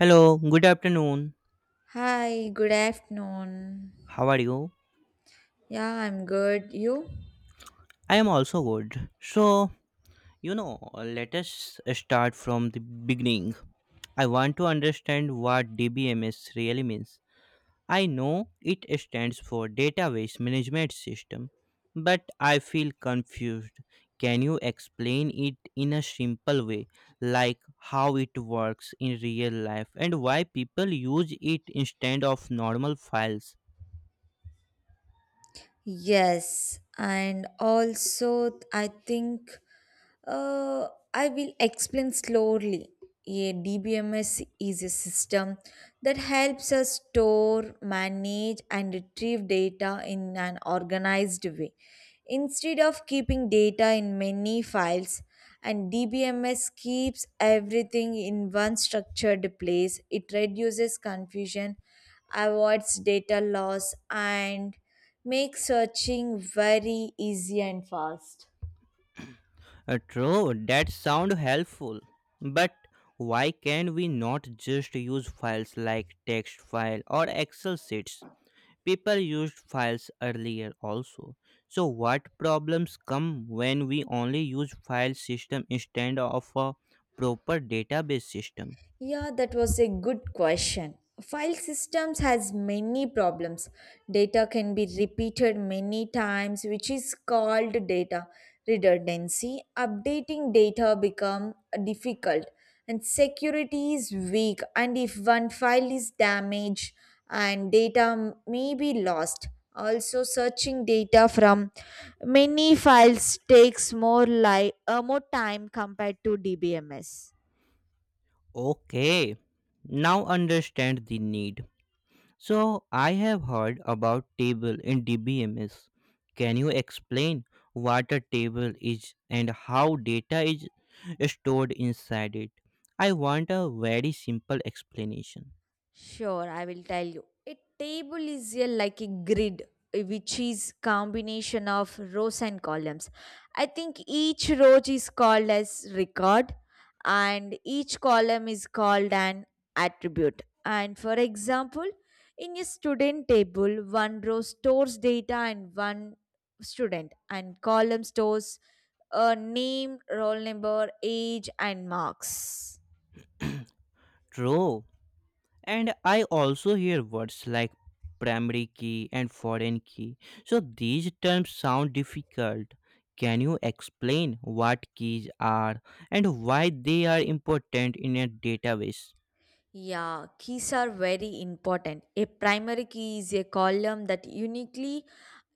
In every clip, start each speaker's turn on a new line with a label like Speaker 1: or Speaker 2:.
Speaker 1: Hello, good afternoon.
Speaker 2: Hi, good afternoon.
Speaker 1: How are you?
Speaker 2: Yeah, I'm good. You?
Speaker 1: I am also good. So, you know, Let us start from the beginning. I want to understand what DBMS really means. I know it stands for Database Management System, but I feel confused. Can you explain it in a simple way, like how it works in real life and why people use it instead of normal files?
Speaker 2: Yes. And also, I think Uh, I will explain slowly. A DBMS is a system that helps us store, manage, and retrieve data in an organized way. Instead of keeping data in many files, and DBMS keeps everything in one structured place. It reduces confusion, avoids data loss, and makes searching very easy and fast.
Speaker 1: True, that sound helpful. But why can't we not just use files like text file or Excel sheets? People used files earlier also. So what problems come when we only use file system instead of a proper database system?
Speaker 2: Yeah, that was a good question. File systems has many problems. Data can be repeated many times, which is called data redundancy. Updating data become difficult and security is weak and if one file is damaged and data may be lost. Also searching data from many files takes more time compared to DBMS.
Speaker 1: Okay, now understand the need. So I have heard about table in DBMS. Can you explain what a table is and how data is stored inside it? I want a very simple explanation.
Speaker 2: Sure, I will tell you. A table is a, like a grid, which is combination of rows and columns. I think each row is called as record, and each column is called an attribute. And for example, in a student table, one row stores data and one student, and column stores a name, roll number, age, and marks.
Speaker 1: True. And I also hear words like primary key and foreign key. So these terms sound difficult. Can you explain what keys are and why they are important in a database?
Speaker 2: Yeah, keys are very important. A primary key is a column that uniquely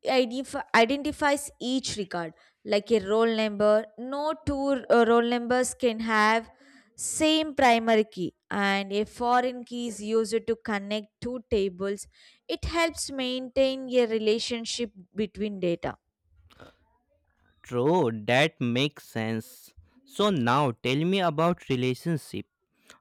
Speaker 2: identifies each record, like a roll number. No two roll numbers can have same primary key, and a foreign key is used to connect two tables. It helps maintain a relationship between data.
Speaker 1: True, that makes sense. So now tell me about relationship.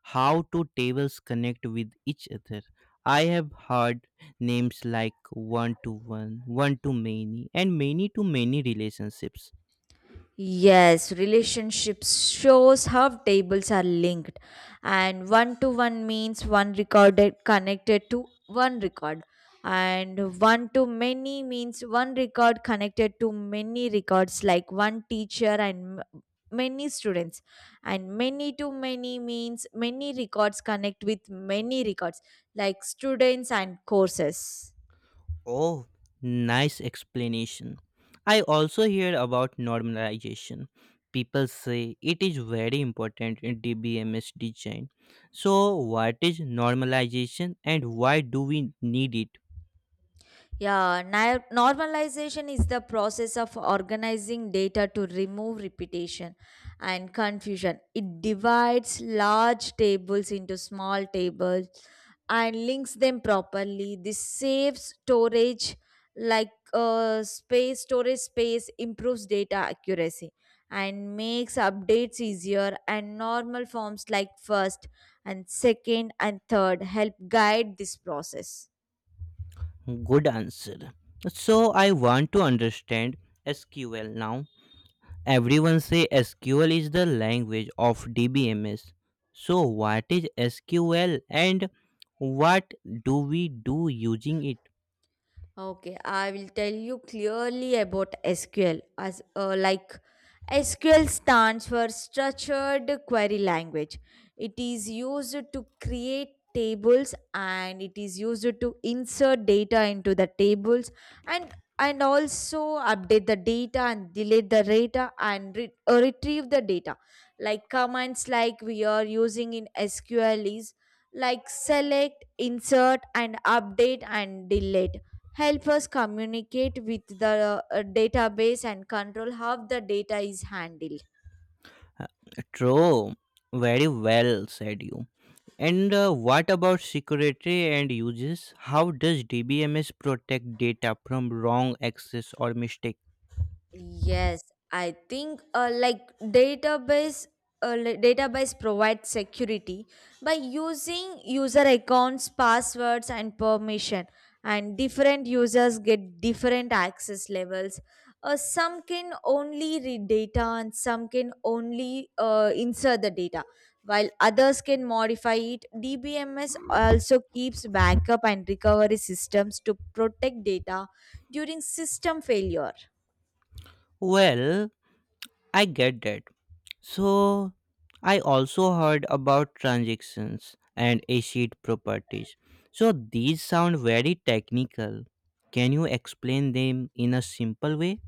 Speaker 1: How do tables connect with each other? I have heard names like one to one, one to many, and many to many relationships.
Speaker 2: Yes, relationships shows how tables are linked and one to one means one recorded connected to one record and one to many means one record connected to many records like one teacher and many students and many to many means many records connect with many records like students and courses.
Speaker 1: Oh, nice explanation. I also hear about normalization. People say it is very important in DBMS design. So, what is normalization and why do we need it?
Speaker 2: Yeah, na- normalization is the process of organizing data to remove repetition and confusion. It divides large tables into small tables and links them properly. This saves storage, like space, storage space, improves data accuracy, and makes updates easier. And normal forms like first and second and third help guide this process.
Speaker 1: Good answer. So I want to understand SQL now. Everyone say SQL is the language of DBMS. So what is SQL and what do we do using it?
Speaker 2: Okay, I will tell you clearly about SQL as SQL stands for structured query language. It is used to create tables and it is used to insert data into the tables and also update the data and delete the data and retrieve the data. Like commands like we are using in SQL is like select, insert and update and delete help us communicate with the database and control how the data is handled.
Speaker 1: True. Very well said you. And what about security and uses? How does DBMS protect data from wrong access or mistake?
Speaker 2: Yes, I think database provides security by using user accounts, passwords, and permission. And different users get different access levels. Some can only read data, and some can only insert the data, while others can modify it. DBMS also keeps backup and recovery systems to protect data during system failure.
Speaker 1: Well, I get that. So, I also heard about transactions and acid properties. So, these sound very technical. Can you explain them in a simple way?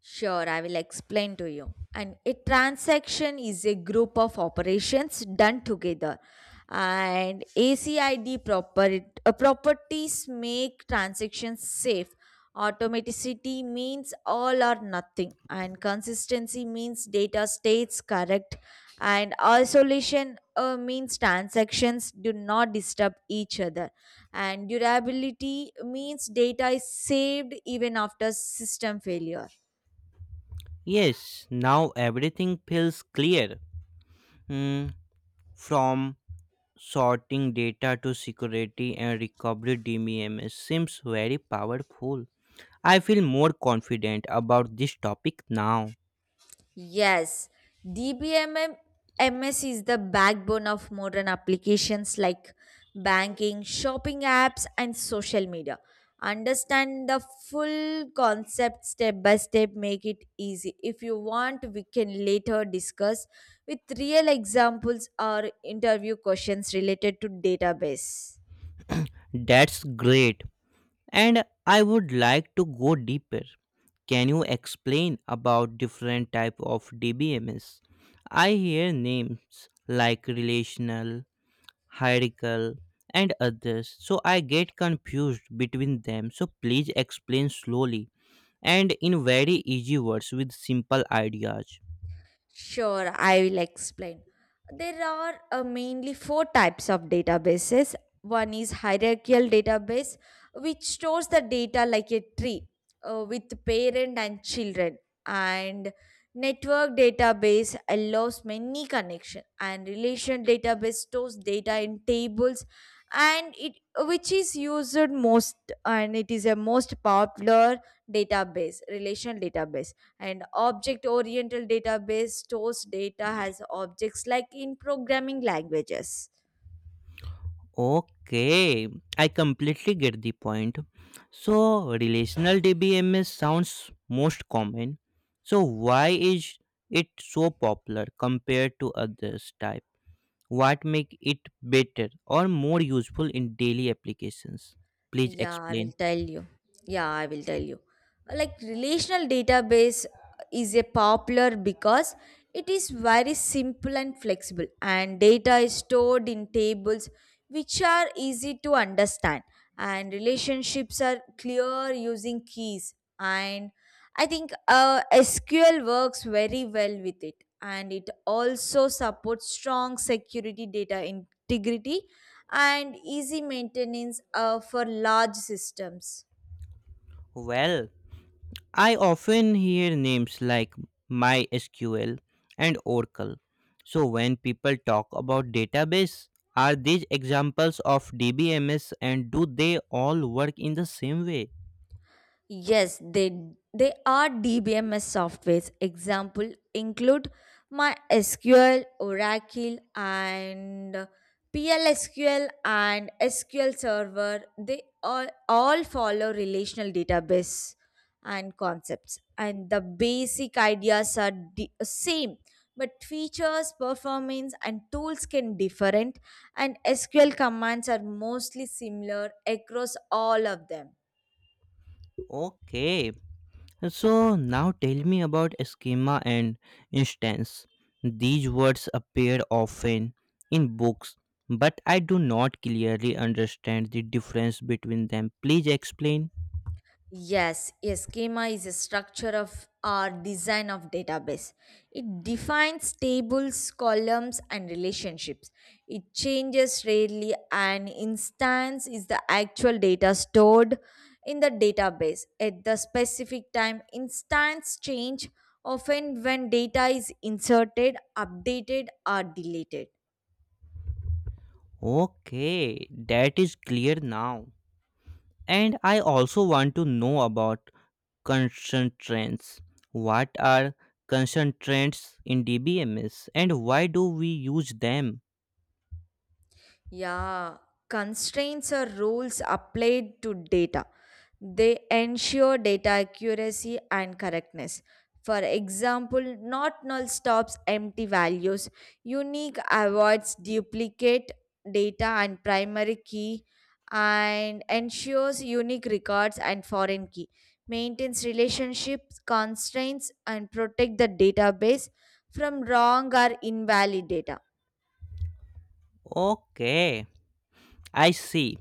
Speaker 2: Sure, I will explain to you. And a transaction is a group of operations done together. And ACID properties make transactions safe. Automaticity means all or nothing, and consistency means data stays correct. And isolation means transactions do not disturb each other. And durability means data is saved even after system failure.
Speaker 1: Yes, now everything feels clear. Hmm, from sorting data to security and recovery DMEMS seems very powerful. I feel more confident about this topic now.
Speaker 2: Yes, DBMM is the backbone of modern applications like banking, shopping apps, and social media. Understand the full concept step by step, make it easy. If you want, we can later discuss with real examples or interview questions related to database.
Speaker 1: That's great. And I would like to go deeper. Can you explain about different type of DBMS? I hear names like relational, hierarchical and others so I get confused between them. So please explain slowly and in very easy words with simple ideas.
Speaker 2: Sure, I will explain. There are mainly four types of databases. One is hierarchical database, which stores the data like a tree with parent and children. And network database allows many connection. And relation database stores data in tables, and it which is used most, and it is a most popular database, relation database and object oriented database stores data as objects like in programming languages.
Speaker 1: Okay, I completely get the point. So, relational DBMS sounds most common. So, why is it so popular compared to others type? What make it better or more useful in daily applications? Please
Speaker 2: Yeah, I will
Speaker 1: explain.
Speaker 2: tell you. Yeah, I will tell you. Like relational database is a popular because it is very simple and flexible and data is stored in tables which are easy to understand and relationships are clear using keys and I think SQL works very well with it and it also supports strong security data integrity and easy maintenance for large systems.
Speaker 1: Well, I often hear names like MySQL and Oracle. So when people talk about database, are these examples of DBMS and do they all work in the same way?
Speaker 2: Yes, they are DBMS softwares. Example include MySQL, Oracle, and PLSQL and SQL Server. They all follow relational database and concepts, and the basic ideas are the same. But features, performance, and tools can different, and SQL commands are mostly similar across all of them.
Speaker 1: Okay, so now tell me about schema and instance. These words appear often in books, but I do not clearly understand the difference between them. Please explain.
Speaker 2: Yes, a schema is a structure of or design of database. It defines tables, columns, and relationships. It changes rarely. An instance is the actual data stored in the database at the specific time. Instance change often when data is inserted, updated, or deleted.
Speaker 1: Okay, that is clear now. And I also want to know about concentrants. What are concentrants in DBMS and why do we use them?
Speaker 2: Yeah, constraints or rules applied to data. They ensure data accuracy and correctness. For example, not null stops empty values, unique avoids duplicate data and primary key, and ensures unique records and foreign key, maintains relationships, constraints, and protect the database from wrong or invalid data.
Speaker 1: Okay, I see.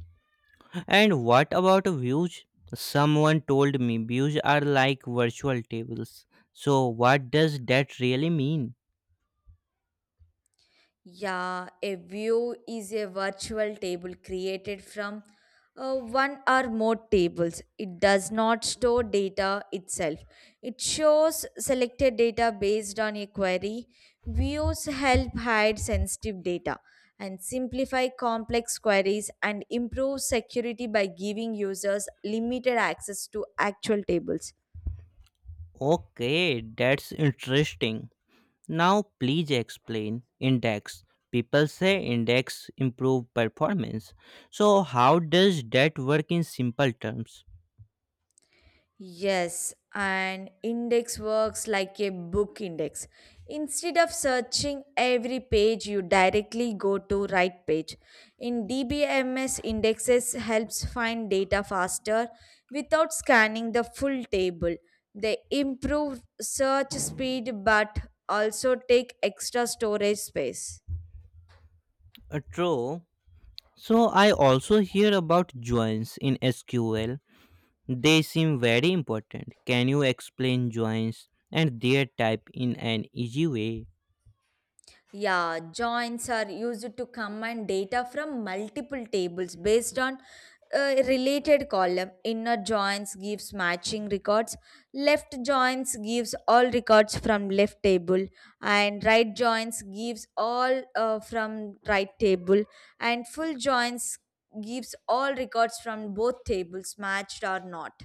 Speaker 1: And what about views? Someone told me views are like virtual tables. So, what does that really mean?
Speaker 2: Yeah, a view is a virtual table created from one or more tables. It does not store data itself. It shows selected data based on a query. Views help hide sensitive data and simplify complex queries and improve security by giving users limited access to actual tables.
Speaker 1: Okay, that's interesting. Now, please explain index. People say index improve performance. So, how does that work in simple terms?
Speaker 2: Yes, and index works like a book index. Instead of searching every page, you directly go to right page. In DBMS, indexes helps find data faster without scanning the full table. They improve search speed but also take extra storage space.
Speaker 1: True. So, I also hear about joins in SQL. They seem very important. Can you explain joins and their type in an easy way?
Speaker 2: Yeah, joins are used to combine data from multiple tables based on a related column. Inner joins gives matching records, left joins gives all records from left table, and right joins gives all from right table, and full joins gives all records from both tables matched or not.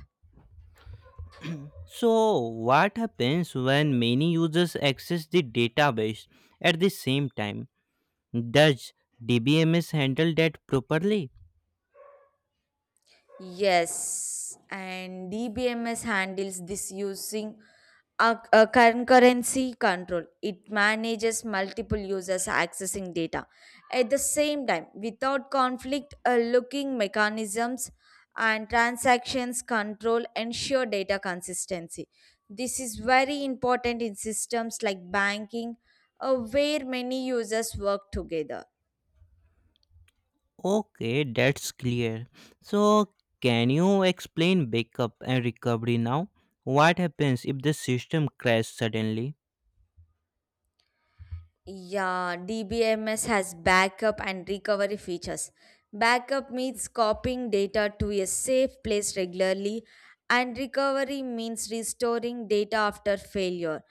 Speaker 1: So, what happens when many users access the database at the same time? Does DBMS handle that properly?
Speaker 2: Yes, and DBMS handles this using a concurrency control. It manages multiple users accessing data at the same time without conflict. Looking mechanisms and transactions control ensure data consistency. This is very important in systems like banking, where many users work together.
Speaker 1: Okay, that's clear. So, can you explain backup and recovery now? What happens if the system crashes suddenly?
Speaker 2: Yeah, DBMS has backup and recovery features. Backup means copying data to a safe place regularly, and recovery means restoring data after failure.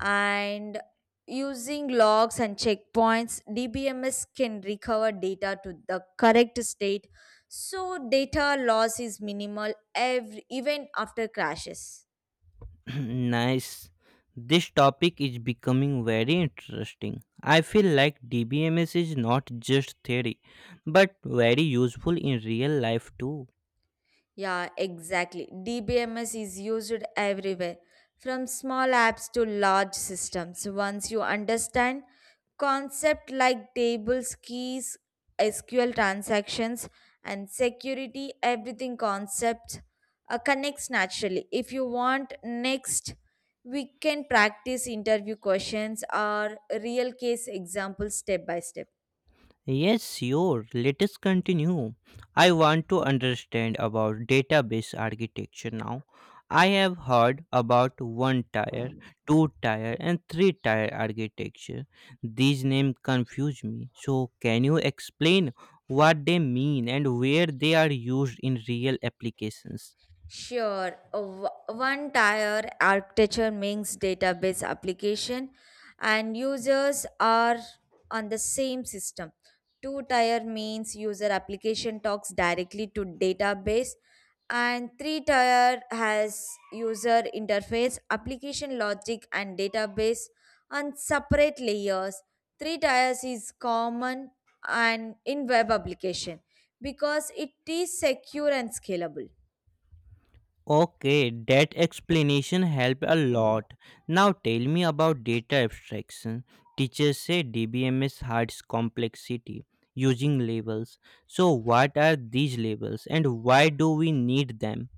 Speaker 2: And using logs and checkpoints, DBMS can recover data to the correct state so data loss is minimal even after crashes.
Speaker 1: Nice. This topic is becoming very interesting. I feel like DBMS is not just theory, but very useful in real life too.
Speaker 2: Yeah, exactly. DBMS is used everywhere, from small apps to large systems. Once you understand concepts like tables, keys, SQL transactions, and security, everything concept connects naturally. If you want, next we can practice interview questions or real case examples step by step.
Speaker 1: Yes, sure. Let us continue. I want to understand about database architecture now. I have heard about one tier, two tier, and three tier architecture. These names confuse me. So, can you explain what they mean and where they are used in real applications?
Speaker 2: Sure, a one tier architecture makes database application and users are on the same system. Two tier means user application talks directly to database and three tier has user interface, application logic and database on separate layers. Three tiers is common and in web application because it is secure and scalable.
Speaker 1: Okay, that explanation helped a lot. Now tell me about data abstraction. Teachers say DBMS hides complexity using labels. So what are these labels and why do we need them?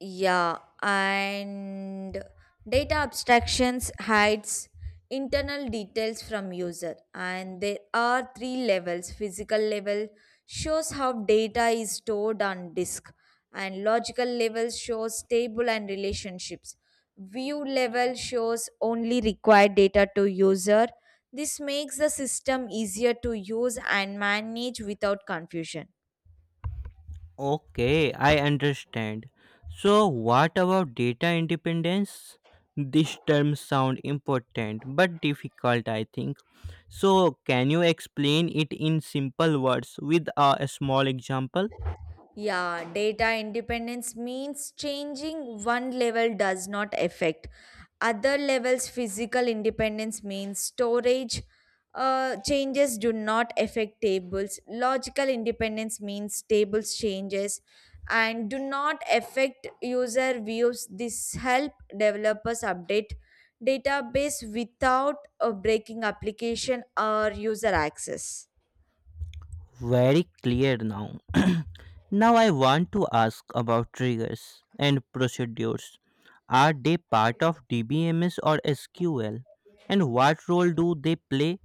Speaker 2: Yeah, and data abstractions hides internal details from user and there are three levels. Physical level shows how data is stored on disk and logical level shows table and relationships. View level shows only required data to user. This makes the system easier to use and manage without confusion.
Speaker 1: Okay, I understand. So what about data independence? These terms sound important but difficult I think. So can you explain it in simple words with a small example?
Speaker 2: Yeah, data independence means changing one level does not affect other levels. Physical independence means storage changes do not affect tables. Logical independence means tables changes and do not affect user views. This help developers update database without breaking application or user access.
Speaker 1: Very clear now. Now I want to ask about triggers and procedures. Are they part of DBMS or SQL? And what role do they play?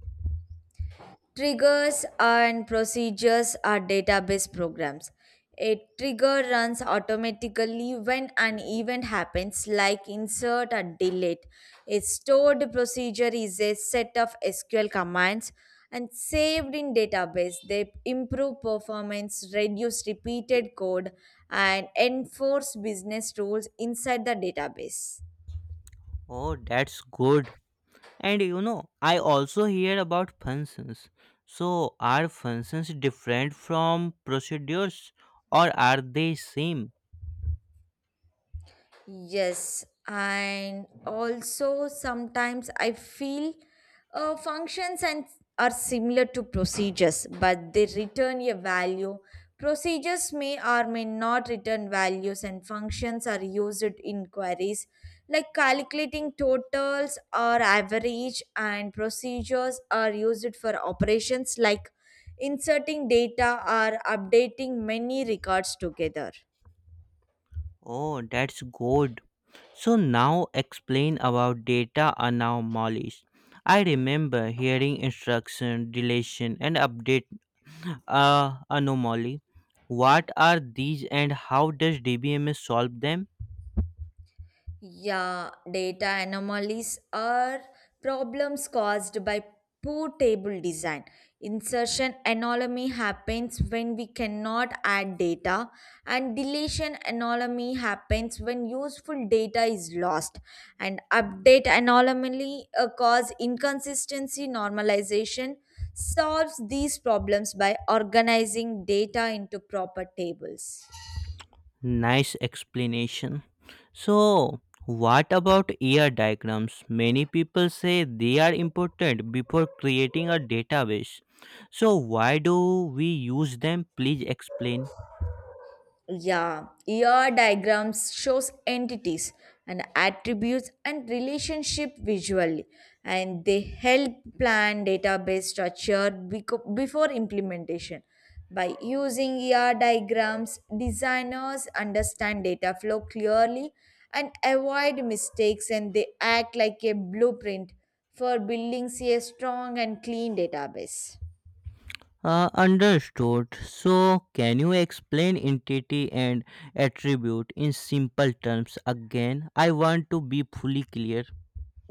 Speaker 2: Triggers and procedures are database programs. A trigger runs automatically when an event happens, like insert or delete. A stored procedure is a set of SQL commands and saved in database. They improve performance, reduce repeated code, and enforce business rules inside the database.
Speaker 1: Oh, that's good. And you know, I also hear about functions. So, are functions different from procedures or are they same?
Speaker 2: Yes, and also sometimes I feel functions and are similar to procedures, but they return a value. Procedures may or may not return values, and functions are used in queries like calculating totals or average, and procedures are used for operations like inserting data or updating many records together.
Speaker 1: Oh, that's good. So now explain about data anomalies. I remember hearing instruction, deletion, and update anomaly. What are these and how does DBMS solve them?
Speaker 2: Yeah, data anomalies are problems caused by poor table design. Insertion anomaly happens when we cannot add data, and deletion anomaly happens when useful data is lost. And update anomaly cause inconsistency normalization solves these problems by organizing data into proper tables.
Speaker 1: Nice explanation. So, what about ER diagrams? Many people say they are important before creating a database. So, why do we use them? Please explain.
Speaker 2: Yeah, ER diagrams shows entities and attributes and relationship visually and they help plan database structure before implementation. By using ER diagrams, designers understand data flow clearly and avoid mistakes and they act like a blueprint for building a strong and clean database.
Speaker 1: Understood. So, can you explain entity and attribute in simple terms again? I want to be fully clear.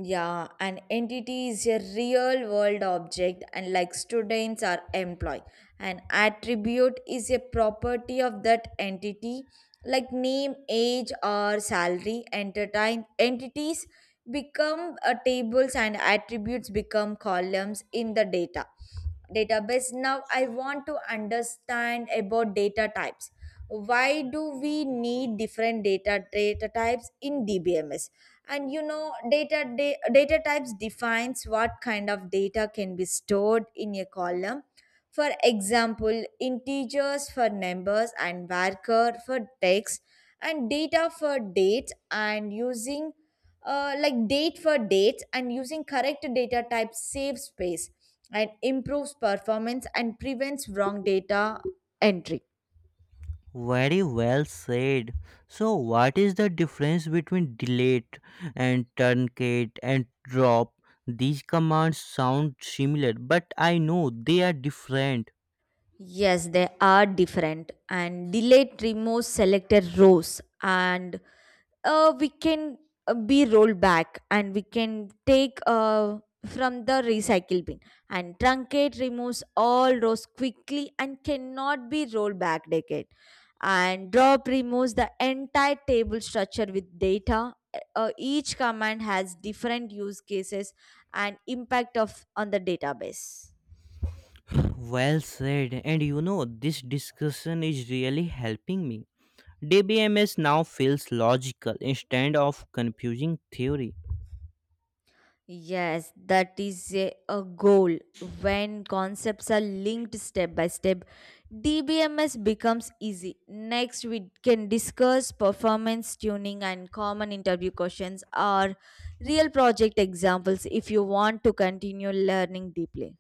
Speaker 2: Yeah, an entity is a real world object, and like students are employee. An attribute is a property of that entity, like name, age, or salary. Entertain entities become tables, and attributes become columns in the data database. Now I want to understand about data types. Why do we need different data types in DBMS? And you know data da- Data types defines what kind of data can be stored in a column. For example, integers for numbers, and varchar for text, and data for dates, and using like date for dates. And using correct data type saves space and improves performance and prevents wrong data entry.
Speaker 1: Very well said. So, what is the difference between delete and truncate and drop? These commands sound similar, but I know they are different.
Speaker 2: Yes, they are different. And delete removes selected rows and we can be rolled back, and we can take from the recycle bin. And truncate removes all rows quickly and cannot be rolled back decade. And drop removes the entire table structure with data. Each command has different use cases and impact of on the database.
Speaker 1: Well said. And you know, this discussion is really helping me. DBMS now feels logical instead of confusing theory.
Speaker 2: Yes, that is a goal. When concepts are linked step by step, DBMS becomes easy. Next, we can discuss performance tuning and common interview questions or real project examples if you want to continue learning deeply.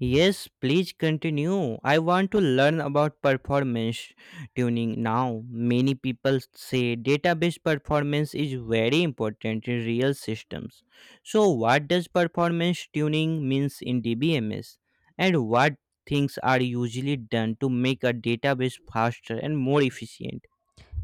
Speaker 1: Yes, please continue. I want to learn about performance tuning now. Many people say database performance is very important in real systems. So, what does performance tuning means in DBMS and what things are usually done to make a database faster and more efficient?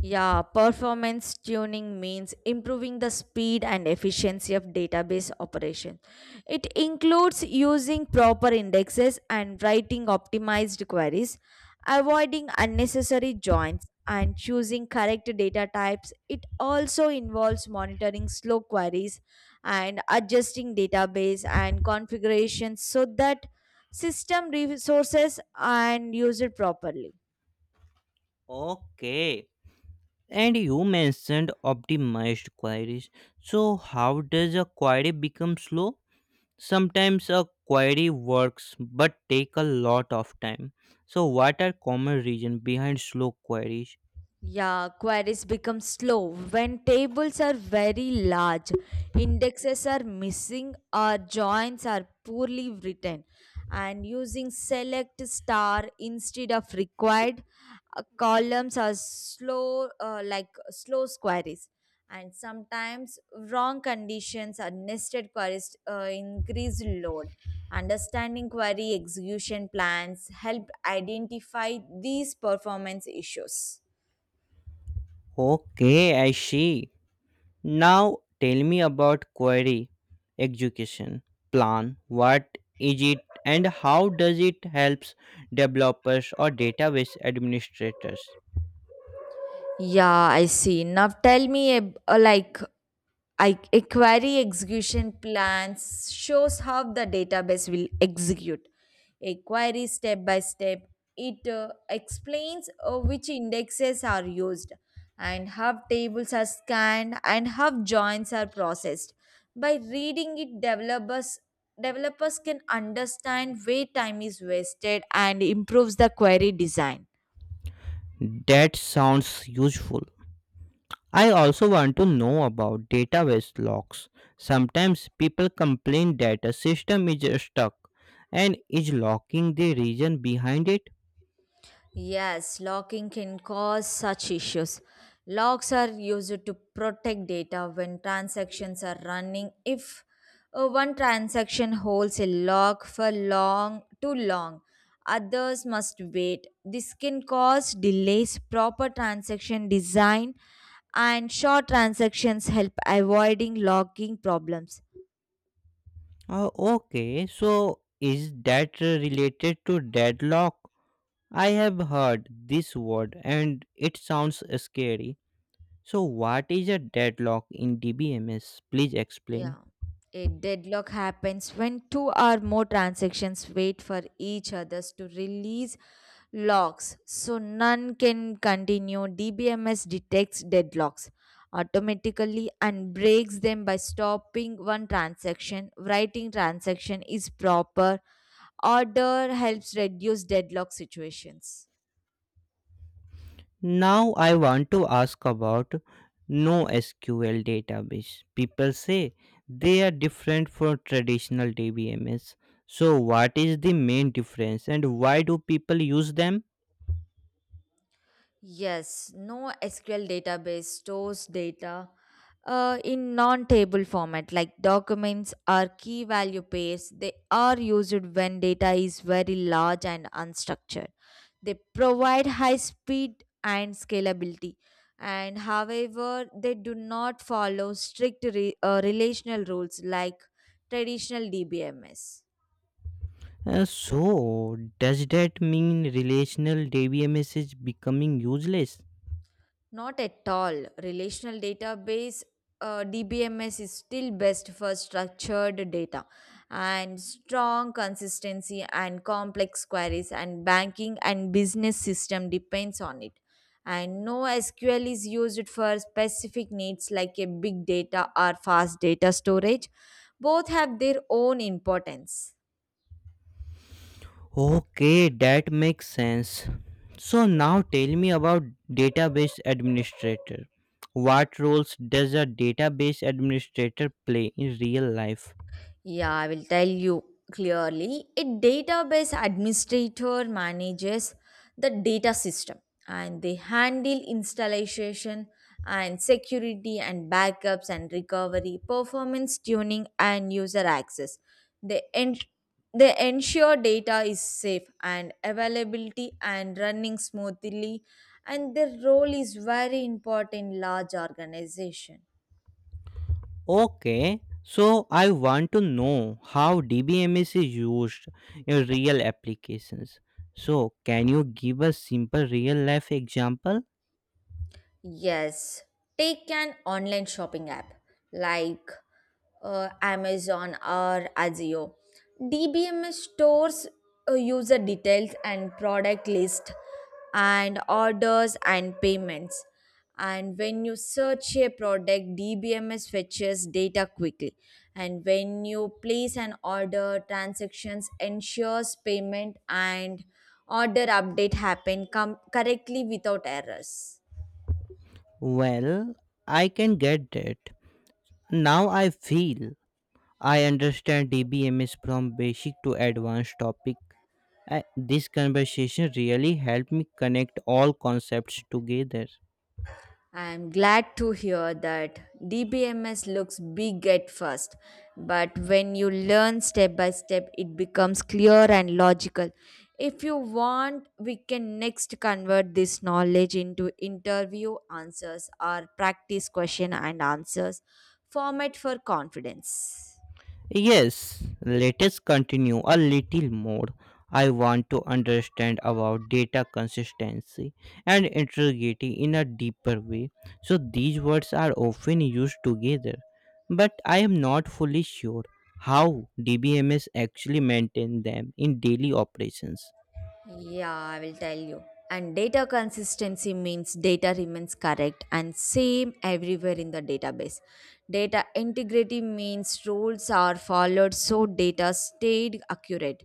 Speaker 2: Yeah, performance tuning means improving the speed and efficiency of database operation. It includes using proper indexes and writing optimized queries, avoiding unnecessary joins, and choosing correct data types. It also involves monitoring slow queries and adjusting database and configurations so that system resources and used properly.
Speaker 1: Okay. And you mentioned optimized queries. So, how does a query become slow? Sometimes a query works but take a lot of time. So, what are common reasons behind slow queries?
Speaker 2: Yeah, queries become slow when tables are very large, indexes are missing, or joins are poorly written. And using select star instead of required, columns are slow, like slow queries. And sometimes wrong conditions or nested queries increase load. Understanding query execution plans help identify these performance issues.
Speaker 1: Okay, I see. Now, tell me about query execution plan. What is it and how does it helps developers or database administrators?
Speaker 2: Yeah, I see. Now tell me, ab- like, I, a query execution plans shows how the database will execute a query step by step. It explains which indexes are used, and how tables are scanned, and how joins are processed. By reading it, developers can understand where time is wasted and improves the query design.
Speaker 1: That sounds useful. I also want to know about database locks. Sometimes people complain that a system is stuck and is locking the region behind it.
Speaker 2: Yes, locking can cause such issues. Locks are used to protect data when transactions are running. If one transaction holds a lock for long too long, others must wait. This can cause delays. Proper transaction design and short transactions help avoiding locking problems.
Speaker 1: Oh, okay, so is that related to deadlock? I have heard this word and it sounds scary. So, what is a deadlock in DBMS? Please explain.
Speaker 2: Yeah. A deadlock happens when two or more transactions wait for each others to release locks, so none can continue. DBMS detects deadlocks automatically and breaks them by stopping one transaction. Writing transaction is proper. Order helps reduce deadlock situations.
Speaker 1: Now I want to ask about NoSQL database. People say they are different from traditional DBMS. So what is the main difference and why do people use them?
Speaker 2: Yes, no SQL database stores data in non table format, like documents or key value pairs. They are used when data is very large and unstructured. They provide high speed and scalability, and however, they do not follow strict relational rules like traditional DBMS.
Speaker 1: So does that mean relational DBMS is becoming useless?
Speaker 2: Not at all. Relational database DBMS is still best for structured data and strong consistency and complex queries, and banking and business system depends on it. And no SQL is used for specific needs like a big data or fast data storage. Both have their own importance.
Speaker 1: Okay, that makes sense. So now tell me about database administrator. What roles does a database administrator play in real life?
Speaker 2: Yeah, I will tell you clearly. A database administrator manages the data system, and they handle installation and security and backups and recovery, performance tuning and user access. They, en- they ensure data is safe and availability and running smoothly, and their role is very important in large organization.
Speaker 1: Okay, so I want to know how DBMS is used in real applications. So, can you give a simple real life example?
Speaker 2: Yes, take an online shopping app like Amazon or Azio. DBMS stores user details and product list and orders and payments. And when you search a product, DBMS fetches data quickly. And when you place an order, transactions ensures payment and order update happen correctly without errors.
Speaker 1: Well, I can get that. Now I feel I understand DBMS from basic to advanced topic. This conversation really helped me connect all concepts together.
Speaker 2: I'm glad to hear that. DBMS looks big at first, but when you learn step by step, it becomes clear and logical. If you want, we can next convert this knowledge into interview answers or practice question and answers format for confidence.
Speaker 1: Yes, let us continue a little more. I want to understand about data consistency and integrity in a deeper way. So these words are often used together, but I am not fully sure how DBMS actually maintain them in daily operations.
Speaker 2: Yeah, I will tell you. And data consistency means data remains correct and same everywhere in the database. Data integrity means rules are followed so data stayed accurate.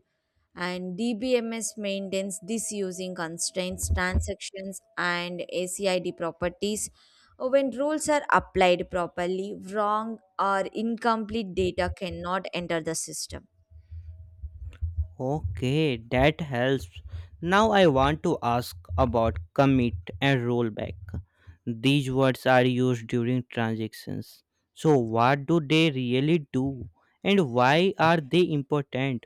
Speaker 2: And DBMS maintains this using constraints, transactions, and ACID properties. When rules are applied properly, wrong or incomplete data cannot enter the system.
Speaker 1: Okay, that helps. Now I want to ask about commit and rollback. These words are used during transactions. So, what do they really do and why are they important?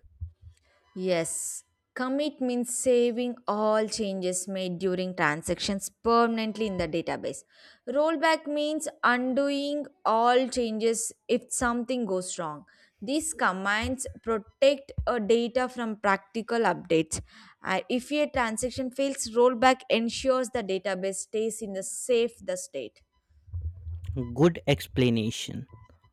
Speaker 2: Yes, commit means saving all changes made during transactions permanently in the database. Rollback means undoing all changes if something goes wrong. These commands protect a data from practical updates. If a transaction fails, rollback ensures the database stays in the safe the state.
Speaker 1: Good explanation.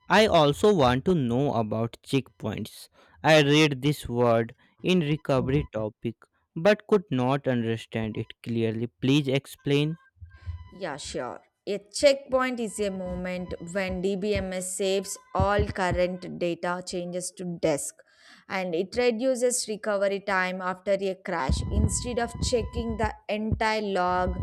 Speaker 1: I also want to know about checkpoints. I read this word in recovery topic but could not understand it clearly. Please explain.
Speaker 2: Yeah, sure. A checkpoint is a moment when DBMS saves all current data changes to disk, and it reduces recovery time after a crash. Instead of checking the entire log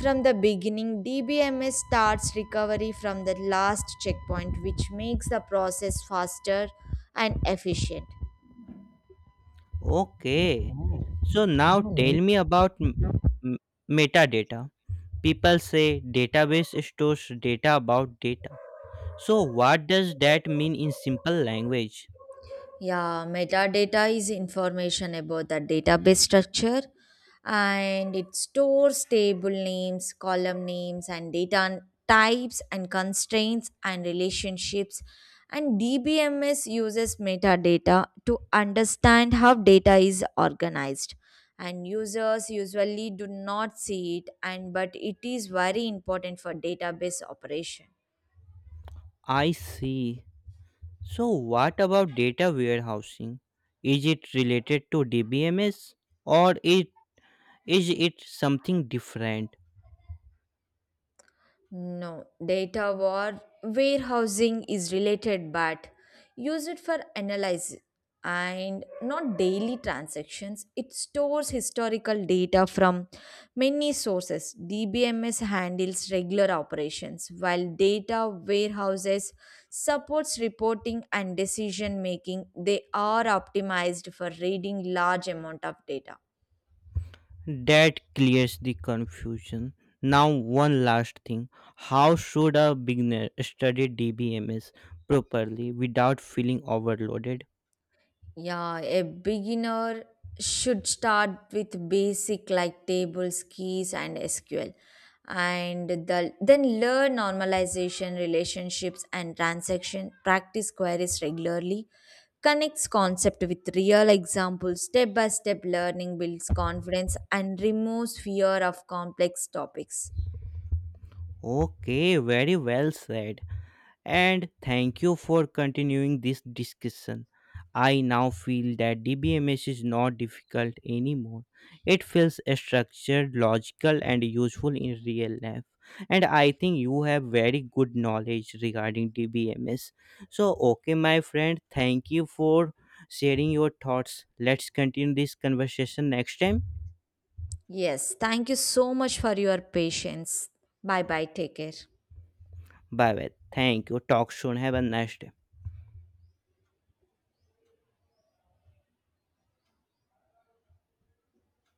Speaker 2: from the beginning, DBMS starts recovery from the last checkpoint, which makes the process faster and efficient.
Speaker 1: Okay. So now tell me about m- metadata. People say database stores data about data. So, what does that mean in simple language?
Speaker 2: Yeah, metadata is information about the database structure, and it stores table names, column names, and types and constraints and relationships. And DBMS uses metadata to understand how data is organized. And users usually do not see it, and but it is very important for database operation.
Speaker 1: I see. So, what about data warehousing? Is it related to DBMS or it something different?
Speaker 2: No, data war warehousing is related, but use it for analysis and not daily transactions. It stores historical data from many sources. DBMS handles regular operations, while data warehouses supports reporting and decision making. They are optimized for reading large amount of data.
Speaker 1: That clears the confusion. Now, one last thing. How should a beginner study DBMS properly without feeling overloaded?
Speaker 2: Yeah, a beginner should start with basic like tables, keys, and SQL, and then learn normalization, relationships, and transaction. Practice queries regularly. Connects concept with real examples. Step by step learning builds confidence and removes fear of complex topics.
Speaker 1: Okay, very well said. And thank you for continuing this discussion. I now feel that DBMS is not difficult anymore. It feels structured, logical, and useful in real life. And I think you have very good knowledge regarding DBMS. So, okay, my friend, thank you for sharing your thoughts. Let's continue this conversation next time.
Speaker 2: Yes, thank you so much for your patience. Bye bye. Take care.
Speaker 1: Bye bye. Thank you. Talk soon. Have a nice day.